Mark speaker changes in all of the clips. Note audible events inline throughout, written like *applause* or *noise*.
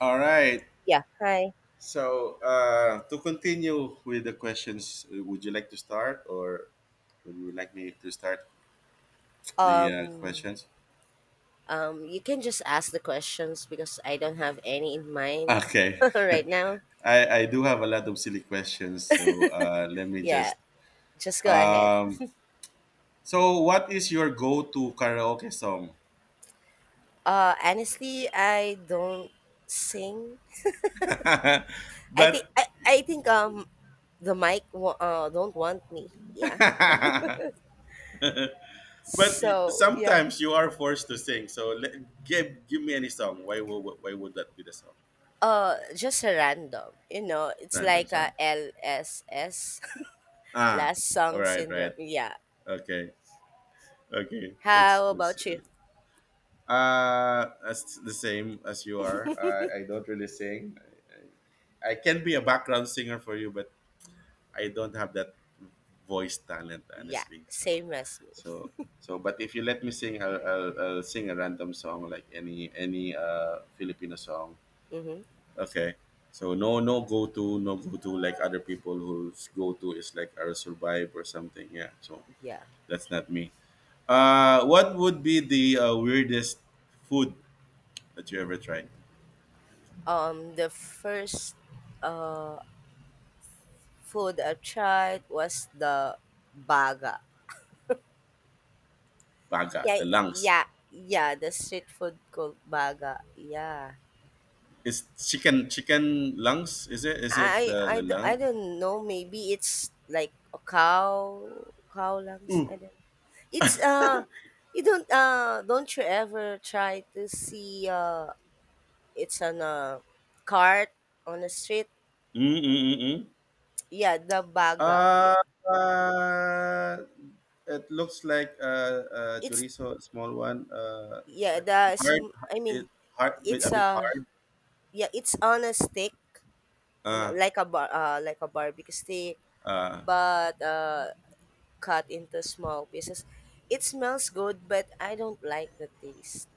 Speaker 1: All right.
Speaker 2: Yeah, hi.
Speaker 1: So to continue with the questions, would you like to start, or would you like me to start the
Speaker 2: Um,
Speaker 1: questions?
Speaker 2: you can just ask the questions because I don't have any in mind
Speaker 1: Okay.
Speaker 2: *laughs*
Speaker 1: *laughs*
Speaker 2: right now.
Speaker 1: I do have a lot of silly questions, so let me
Speaker 2: Yeah,
Speaker 1: just.
Speaker 2: just go ahead.
Speaker 1: Um, so what is your go-to karaoke song?
Speaker 2: Honestly, I don't sing.
Speaker 1: *laughs*
Speaker 2: I think
Speaker 1: But
Speaker 2: I,
Speaker 1: *laughs*
Speaker 2: I think um the mic don't want me. Yeah.
Speaker 1: but
Speaker 2: So yeah.
Speaker 1: sometimes you are forced to sing. Give me any song. Why would that be the song?
Speaker 2: Just a random. You know, it's
Speaker 1: Random
Speaker 2: like
Speaker 1: song.
Speaker 2: a LSS. *laughs*
Speaker 1: Ah,
Speaker 2: Last
Speaker 1: all
Speaker 2: song
Speaker 1: right, right.
Speaker 2: syndrome. Yeah.
Speaker 1: Okay, okay, that's
Speaker 2: How
Speaker 1: that's
Speaker 2: about you?
Speaker 1: uh that's the same as you are. I don't really sing. I can be a background singer for you, but I don't have that voice talent,
Speaker 2: Yeah,
Speaker 1: honestly.
Speaker 2: same as me.
Speaker 1: So so, but if you let me sing, I'll sing a random song like any Filipino song.
Speaker 2: Mm-hmm.
Speaker 1: Okay. So no no go to no go to like other people whose go to is like I'll Survive or something. Yeah. So
Speaker 2: Yeah.
Speaker 1: that's not me. What would be the weirdest food that you ever tried?
Speaker 2: The first uh, food I tried was the baga.
Speaker 1: Baga,
Speaker 2: Yeah,
Speaker 1: the lungs.
Speaker 2: yeah, yeah. The street food called baga. Yeah,
Speaker 1: It's chicken lungs. Is it? Is it the the lung?
Speaker 2: I don't know. Maybe it's like a cow lungs.
Speaker 1: Ooh.
Speaker 2: I don't. It's you don't you ever try to see it's on a cart on the street.
Speaker 1: Mm-mm-mm-mm.
Speaker 2: Yeah, the baga.
Speaker 1: Uh,
Speaker 2: Yeah,
Speaker 1: uh, it looks like
Speaker 2: it's
Speaker 1: chorizo, a small one. It's
Speaker 2: yeah
Speaker 1: like it's
Speaker 2: the
Speaker 1: hard.
Speaker 2: sm- I mean
Speaker 1: It hard, a
Speaker 2: it's
Speaker 1: bit
Speaker 2: a
Speaker 1: hard.
Speaker 2: yeah, it's on a stick, you know,
Speaker 1: Uh,
Speaker 2: like a like a barbecue stick,
Speaker 1: uh,
Speaker 2: but cut into small pieces. It smells good, but I don't like the taste.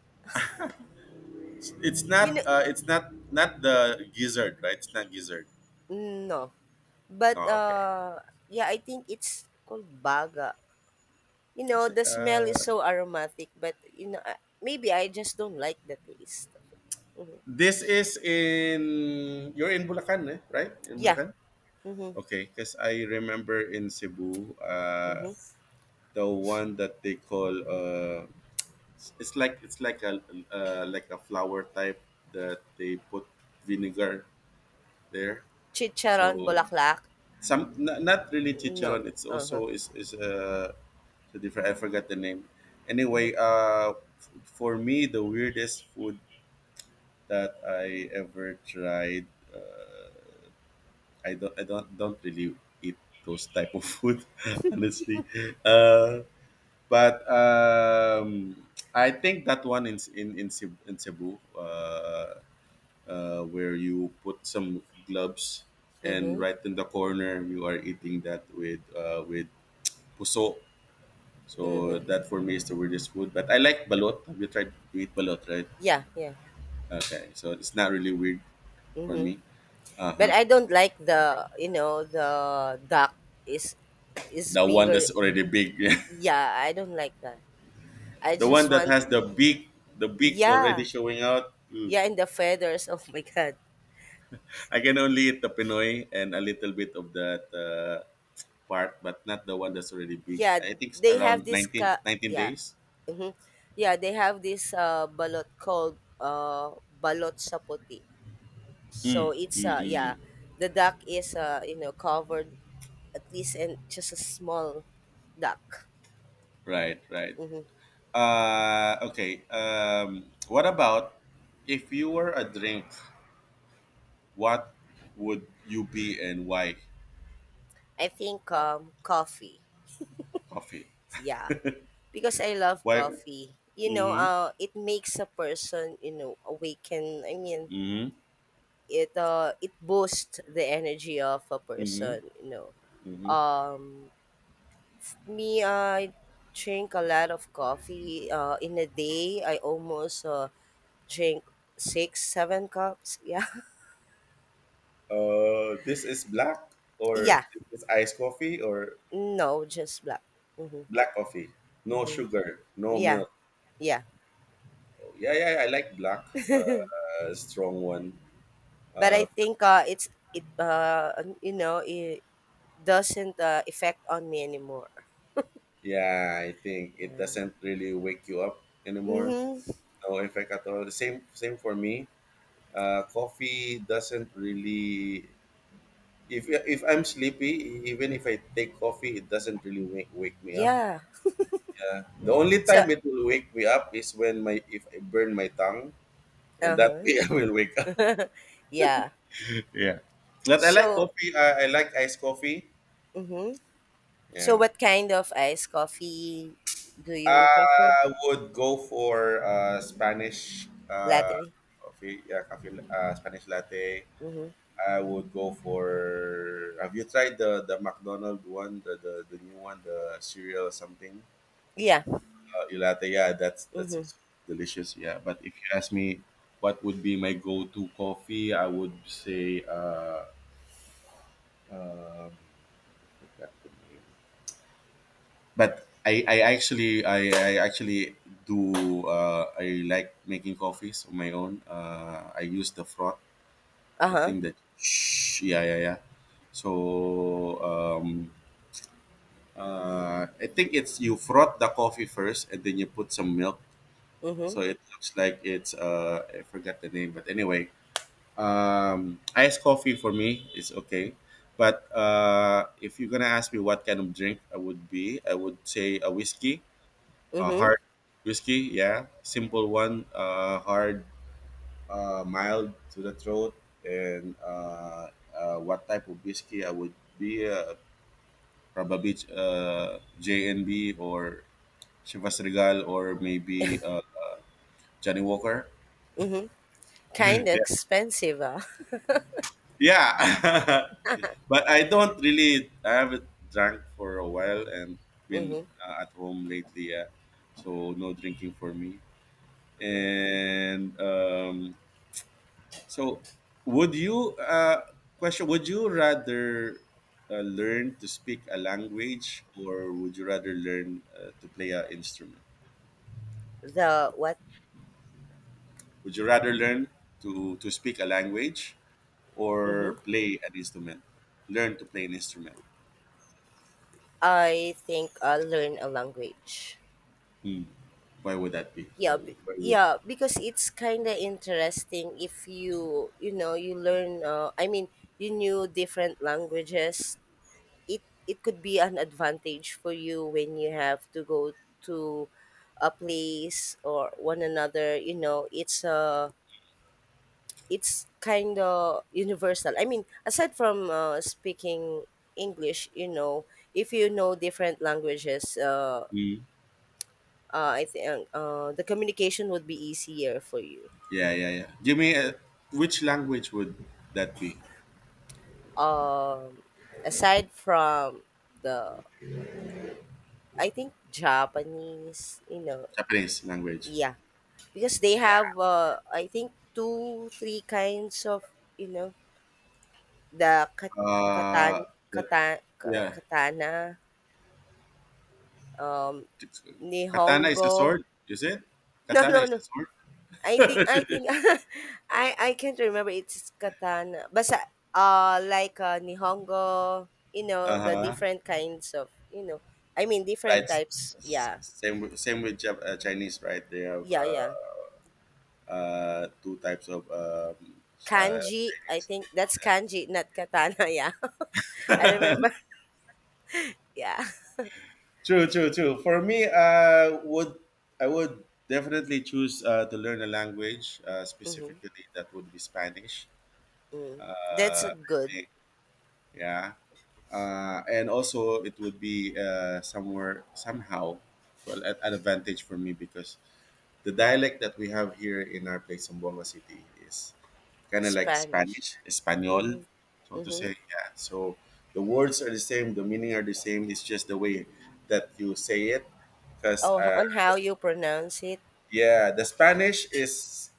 Speaker 1: it's
Speaker 2: You know,
Speaker 1: not.
Speaker 2: i-
Speaker 1: It's not not the gizzard, right? It's not gizzard.
Speaker 2: no. But
Speaker 1: No, okay.
Speaker 2: yeah, I think it's called baga. You
Speaker 1: It's,
Speaker 2: know, the smell is
Speaker 1: Uh,
Speaker 2: so aromatic, but you know, maybe I just don't like the taste. Of hmm
Speaker 1: This is in you're in Bulacan, eh? Right? In
Speaker 2: Yeah.
Speaker 1: Bulacan.
Speaker 2: Mm-hmm.
Speaker 1: Okay, because I remember in Cebu,
Speaker 2: Mm-hmm.
Speaker 1: the one that they call it's like a like a flower type that they put vinegar there.
Speaker 2: Chicharon,
Speaker 1: So
Speaker 2: bulaklak.
Speaker 1: some not, not really
Speaker 2: No.
Speaker 1: chicharon. It's
Speaker 2: Uh-huh.
Speaker 1: also is a so different. I forgot the name.
Speaker 2: Mm-hmm.
Speaker 1: Anyway, for me, the weirdest food that I ever tried, I don't really eat those type of food, *laughs* honestly. Uh, but I think that one in in Cebu, in Cebu where you put some gloves and
Speaker 2: Mm-hmm.
Speaker 1: right in the corner you are eating that with puso. So
Speaker 2: Mhm.
Speaker 1: that for me is the weirdest food. But I like balot. Have you tried to eat balot, right?
Speaker 2: Yeah, yeah.
Speaker 1: Okay, so it's not really weird for
Speaker 2: Mhm.
Speaker 1: me. Uh
Speaker 2: But
Speaker 1: huh.
Speaker 2: I don't like the you know the duck is is
Speaker 1: The one
Speaker 2: bigger.
Speaker 1: that's already big. *laughs*
Speaker 2: Yeah, I don't like that. I
Speaker 1: The one
Speaker 2: just
Speaker 1: that
Speaker 2: want
Speaker 1: has the beak already
Speaker 2: yeah
Speaker 1: showing out. Mm.
Speaker 2: yeah and the feathers. *laughs* Oh my god.
Speaker 1: I can only eat the Pinoy and a little bit of that part, but not the one that's already big.
Speaker 2: Yeah,
Speaker 1: I think it's
Speaker 2: they have
Speaker 1: around
Speaker 2: this ca-
Speaker 1: nineteen
Speaker 2: yeah
Speaker 1: days.
Speaker 2: hmm Yeah, they have this balot called balot sapoti. So it's yeah,
Speaker 1: Mm-mm.
Speaker 2: the duck is you know covered at least and just a small duck.
Speaker 1: Right, right.
Speaker 2: Mm-hmm.
Speaker 1: Okay. What about if you were a drink? What would you be and why?
Speaker 2: I think, coffee.
Speaker 1: Coffee.
Speaker 2: Yeah, because I love
Speaker 1: Why?
Speaker 2: coffee. You know,
Speaker 1: Mm-hmm.
Speaker 2: it makes a person, you know, awaken. I mean,
Speaker 1: Mm-hmm.
Speaker 2: it it boosts the energy of a
Speaker 1: Mm-hmm.
Speaker 2: person. You know,
Speaker 1: Mm-hmm.
Speaker 2: um, me, I drink a lot of coffee. In a day, I almost drink six, seven cups. Yeah,
Speaker 1: This is black
Speaker 2: *laughs*
Speaker 1: or
Speaker 2: yeah.
Speaker 1: is this iced coffee or
Speaker 2: No, just black. Mm-hmm.
Speaker 1: black coffee, no sugar, no
Speaker 2: Yeah,
Speaker 1: milk?
Speaker 2: yeah.
Speaker 1: Yeah, yeah, I like black, strong one.
Speaker 2: But
Speaker 1: Uh,
Speaker 2: I think it's it you know it doesn't affect on me anymore.
Speaker 1: yeah, I think it doesn't really wake you up anymore.
Speaker 2: Mm-hmm.
Speaker 1: No effect at all. The same, same for me. Coffee doesn't really. If I'm sleepy, even if I take coffee, it doesn't really wake me up.
Speaker 2: Yeah.
Speaker 1: Yeah, the only
Speaker 2: So
Speaker 1: time it will wake me up is when my if I burn my tongue, and that way *laughs* I
Speaker 2: uh-huh.
Speaker 1: will wake up.
Speaker 2: *laughs* Yeah.
Speaker 1: Yeah, but I like
Speaker 2: So
Speaker 1: coffee. I like iced coffee.
Speaker 2: mm-hmm. So
Speaker 1: Yeah,
Speaker 2: what kind of iced coffee do you prefer?
Speaker 1: I would go for Spanish
Speaker 2: Latte.
Speaker 1: coffee, yeah, coffee, Spanish latte.
Speaker 2: Mm-hmm.
Speaker 1: I would go for. Have you tried the McDonald's one, the new one, the cereal or something?
Speaker 2: Yeah.
Speaker 1: Your latte, yeah, that's that's
Speaker 2: Mm-hmm.
Speaker 1: s- delicious, yeah. But if you ask me, what would be my go-to coffee? I would say, I forgot the name. But I actually do I like making coffees on my own. I use the froth, the
Speaker 2: Uh-huh.
Speaker 1: thing that shh, yeah yeah yeah. So um, I think it's you froth the coffee first and then you put some milk.
Speaker 2: Mm-hmm.
Speaker 1: So it looks like it's I forgot the name, but anyway, iced coffee for me is okay. But if you're gonna ask me what kind of drink I would be, I would say a whiskey.
Speaker 2: Mm-hmm.
Speaker 1: Hard whiskey, yeah. Simple one, hard, mild to the throat. And What type of whiskey I would be? Probably JNB or Chivas Regal or maybe Johnny Walker.
Speaker 2: Mm-hmm. Kind
Speaker 1: *laughs*
Speaker 2: of
Speaker 1: Yeah.
Speaker 2: expensive. *laughs*
Speaker 1: Yeah. *laughs* But I don't really, I haven't drank for a while and been
Speaker 2: Mm-hmm.
Speaker 1: at home lately. Yeah. So no drinking for me. And So, would you question? Would you rather learn to speak a language, or would you rather learn to play an instrument?
Speaker 2: The what?
Speaker 1: Would you rather learn to speak a language,
Speaker 2: Mm-hmm.
Speaker 1: or play an instrument? Learn to play an instrument.
Speaker 2: I think I'll learn a language.
Speaker 1: Hmm. Why would that be?
Speaker 2: yeah b-
Speaker 1: Why would?
Speaker 2: yeah because it's kind of interesting if you you know you learn. You knew different languages, it could be an advantage for you when you have to go to a place or one another. You know it's kind of universal. I mean aside from speaking english, you know, if you know different languages
Speaker 1: Hmm.
Speaker 2: I think the communication would be easier for you.
Speaker 1: Yeah, yeah, yeah. Give me a, which language would that be?
Speaker 2: um Aside from the, I think Japanese, you know,
Speaker 1: Japanese language.
Speaker 2: yeah, because they have I think two three kinds of, you know, the kat- katan
Speaker 1: Uh, that,
Speaker 2: katan ka-
Speaker 1: yeah.
Speaker 2: katana. um
Speaker 1: Katana is a
Speaker 2: Nihongo.
Speaker 1: sword, is it?
Speaker 2: *laughs* No
Speaker 1: Katana
Speaker 2: no
Speaker 1: is
Speaker 2: no.
Speaker 1: a sword.
Speaker 2: I think *laughs* I can't remember. It's katana basta like nihongo, you know,
Speaker 1: Uh
Speaker 2: the
Speaker 1: huh.
Speaker 2: different kinds of, you know, I mean
Speaker 1: Right.
Speaker 2: different types,
Speaker 1: S-
Speaker 2: yeah.
Speaker 1: same with Chinese, right? They have
Speaker 2: Yeah, yeah.
Speaker 1: two types of. Uh,
Speaker 2: Kanji, I think that's kanji, not katana, *laughs* yeah. I remember. *laughs* Yeah.
Speaker 1: True, true, true. For me, would I would definitely choose to learn a language,
Speaker 2: Mm-hmm.
Speaker 1: specifically that would be Spanish.
Speaker 2: Mm. That's a
Speaker 1: I
Speaker 2: good
Speaker 1: think, yeah. And also, it would be somewhere somehow, well, at an advantage for me because the dialect that we have here in our place, Zamboanga City, is kind of like
Speaker 2: Spanish.
Speaker 1: Spanish, Espanol,
Speaker 2: Mm-hmm.
Speaker 1: so to say.
Speaker 2: Mm-hmm.
Speaker 1: Yeah. So the words are the same, the meaning are the same. It's just the way that you say it. Because
Speaker 2: Oh, h- on how you pronounce it.
Speaker 1: yeah, the Spanish is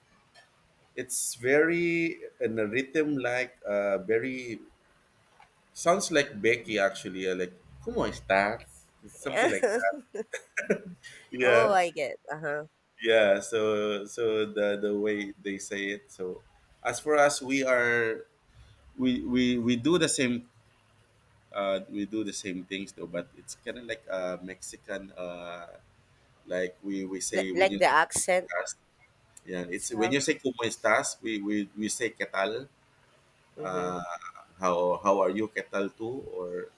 Speaker 1: it's very in a rhythm like very sounds like Becky actually, like ¿Cómo estás? It's something like that.
Speaker 2: *laughs* Oh,
Speaker 1: Yeah,
Speaker 2: I get. Uh-huh.
Speaker 1: yeah. So so the way they say it. So as for us, we are we do the same we do the same things though but it's kind of like mexican like we
Speaker 2: L-
Speaker 1: say when
Speaker 2: like
Speaker 1: you
Speaker 2: the
Speaker 1: say
Speaker 2: accent
Speaker 1: "Cómo estás?" Yeah, it's when you
Speaker 2: itself.
Speaker 1: say como estás we say qué tal,
Speaker 2: Mm-hmm.
Speaker 1: uh how are you qué tal tú or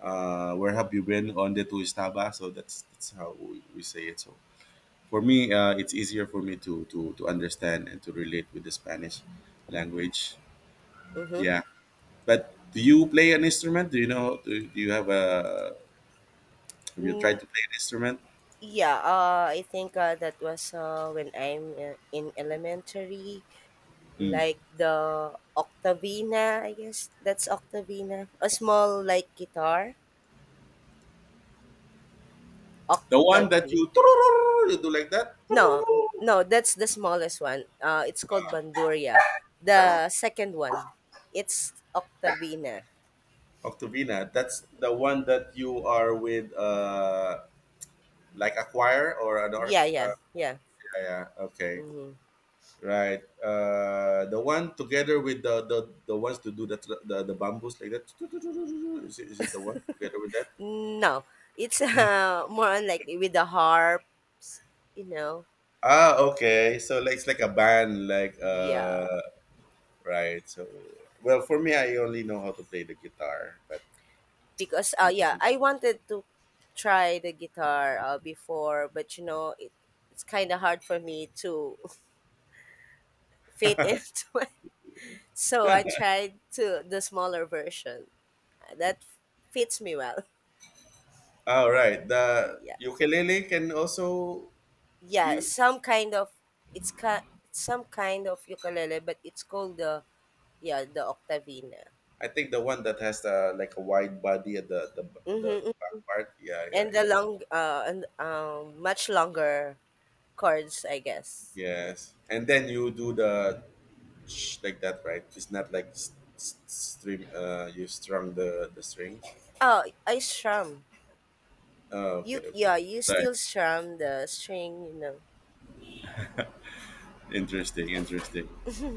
Speaker 1: where have you been onde tu estaba, so that's how we say it. So for me it's easier for me to to understand and to relate with the Spanish language,
Speaker 2: Mm-hmm.
Speaker 1: yeah. But do you play an instrument, do you know, do you have a, have you tried
Speaker 2: Mm,
Speaker 1: to play an instrument?
Speaker 2: yeah, I think that was when I'm in elementary.
Speaker 1: Mm.
Speaker 2: Like the Octavina, I guess that's Octavina, a small like guitar,
Speaker 1: The one that you
Speaker 2: Octavina.
Speaker 1: you do like that
Speaker 2: No, no, that's the smallest one. It's called Banduria. The second one, it's Octavina.
Speaker 1: octavina. That's the one that you are with, like a choir or an or.
Speaker 2: Yeah, yeah, yeah.
Speaker 1: Yeah, yeah. Okay.
Speaker 2: Hmm.
Speaker 1: Right. The one together with the ones to do the bamboos like that. Is it the one together with that?
Speaker 2: No, it's *laughs* more unlikely with the harp, you know.
Speaker 1: Ah, okay. So like it's like a band, like
Speaker 2: Yeah,
Speaker 1: right. So well, for me, I only know how to play the guitar, but
Speaker 2: because
Speaker 1: when was the
Speaker 2: yeah, I
Speaker 1: last.
Speaker 2: wanted to try the guitar before, but you know, it's kind of hard for me to fit *laughs* into it. So I tried to the smaller version that fits me well.
Speaker 1: All right. The
Speaker 2: Yeah,
Speaker 1: ukulele can also
Speaker 2: yeah.
Speaker 1: be,
Speaker 2: Some kind of it's ca some kind of ukulele, but it's called the yeah the Octavina.
Speaker 1: I think, the one that has the like a wide body at
Speaker 2: Mm-hmm.
Speaker 1: the
Speaker 2: Mm-hmm.
Speaker 1: back part. Yeah, yeah,
Speaker 2: And the
Speaker 1: yeah.
Speaker 2: long and much longer chords, I guess. Yeah.
Speaker 1: Yes. And then you do the like that, right? It's not like string. You strung the strings.
Speaker 2: Oh, I strum.
Speaker 1: Oh,
Speaker 2: You
Speaker 1: okay,
Speaker 2: Yeah,
Speaker 1: okay.
Speaker 2: you
Speaker 1: Right.
Speaker 2: still strum the string, you know.
Speaker 1: Interesting. Interesting.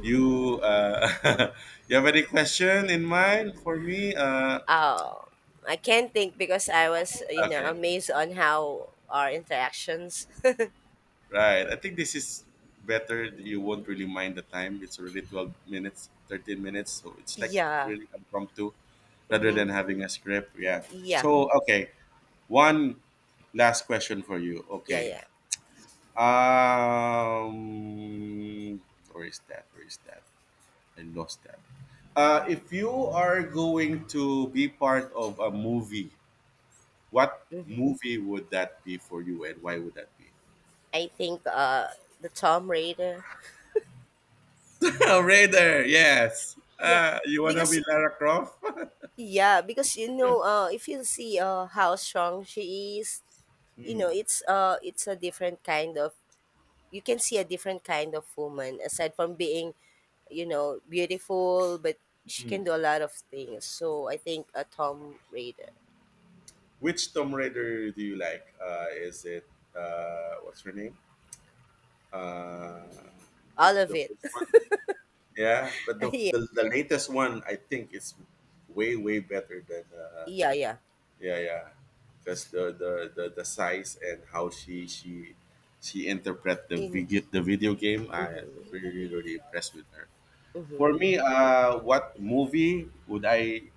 Speaker 1: You *laughs* you have any question in mind for me?
Speaker 2: Oh, I can't think because I was, you know,
Speaker 1: Okay.
Speaker 2: amazed on how our interactions. *laughs*
Speaker 1: Right. I think this is better. You won't really mind the time. It's already 12 minutes, 13 minutes. So it's like
Speaker 2: Yeah.
Speaker 1: really impromptu rather than
Speaker 2: Mm-hmm.
Speaker 1: having a script. Yeah.
Speaker 2: Yeah.
Speaker 1: So, okay. One last question for you.
Speaker 2: Yeah.
Speaker 1: Okay.
Speaker 2: Yeah.
Speaker 1: Um, where is that? Where is that? I lost that. If you are going to be part of a movie, what
Speaker 2: Hmm.
Speaker 1: movie would that be for you and why would that be?
Speaker 2: I think the Tom Raider.
Speaker 1: *laughs* Tomb Raider, yes.
Speaker 2: Yeah,
Speaker 1: You wanna
Speaker 2: because
Speaker 1: be Lara Croft? *laughs*
Speaker 2: yeah, because you know, if you see how strong she is, you
Speaker 1: Hmm.
Speaker 2: know, it's a different kind of. You can see a different kind of woman aside from being, you know, beautiful, but she can do a lot of things. So I think a Tom Raider.
Speaker 1: Which Tomb Raider do you like? Is it what's her name? Uh, with
Speaker 2: All of
Speaker 1: the
Speaker 2: it.
Speaker 1: first one, yeah. But the,
Speaker 2: *laughs* Yeah,
Speaker 1: the the latest one, I think, is way way better than
Speaker 2: yeah, yeah.
Speaker 1: yeah yeah, because the size and how she interpret the
Speaker 2: In
Speaker 1: video the video game. I
Speaker 2: mhm,
Speaker 1: really really impressed with her. For
Speaker 2: mhm,
Speaker 1: me, what movie would I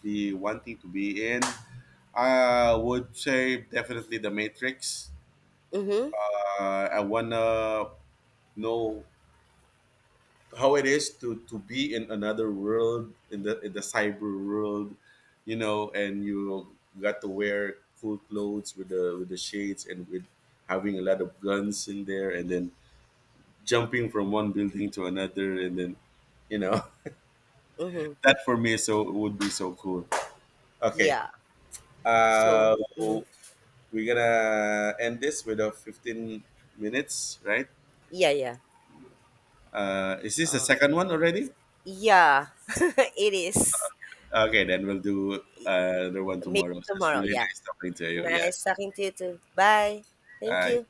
Speaker 1: be wanting to be in. I would say definitely the Matrix.
Speaker 2: mhm,
Speaker 1: I wanna know how it is to be in another world in the cyber world, you know, and you got to wear cool clothes with the shades and with having a lot of guns in there and then jumping from one building to another and then you know
Speaker 2: mhm.
Speaker 1: *laughs* that for me so would be so cool. Okay.
Speaker 2: Yeah. So,
Speaker 1: Uh,
Speaker 2: mhm,
Speaker 1: we're gonna end this with a 15 minutes, right?
Speaker 2: yeah, yeah.
Speaker 1: Is this the
Speaker 2: Uh,
Speaker 1: second one already?
Speaker 2: yeah, *laughs* it is.
Speaker 1: Okay, then we'll do another one
Speaker 2: Maybe
Speaker 1: tomorrow. So it's
Speaker 2: tomorrow.
Speaker 1: really
Speaker 2: Yeah.
Speaker 1: nice talking to you. Yeah.
Speaker 2: Nice talking to you too. Bye. Thank
Speaker 1: Bye.
Speaker 2: you.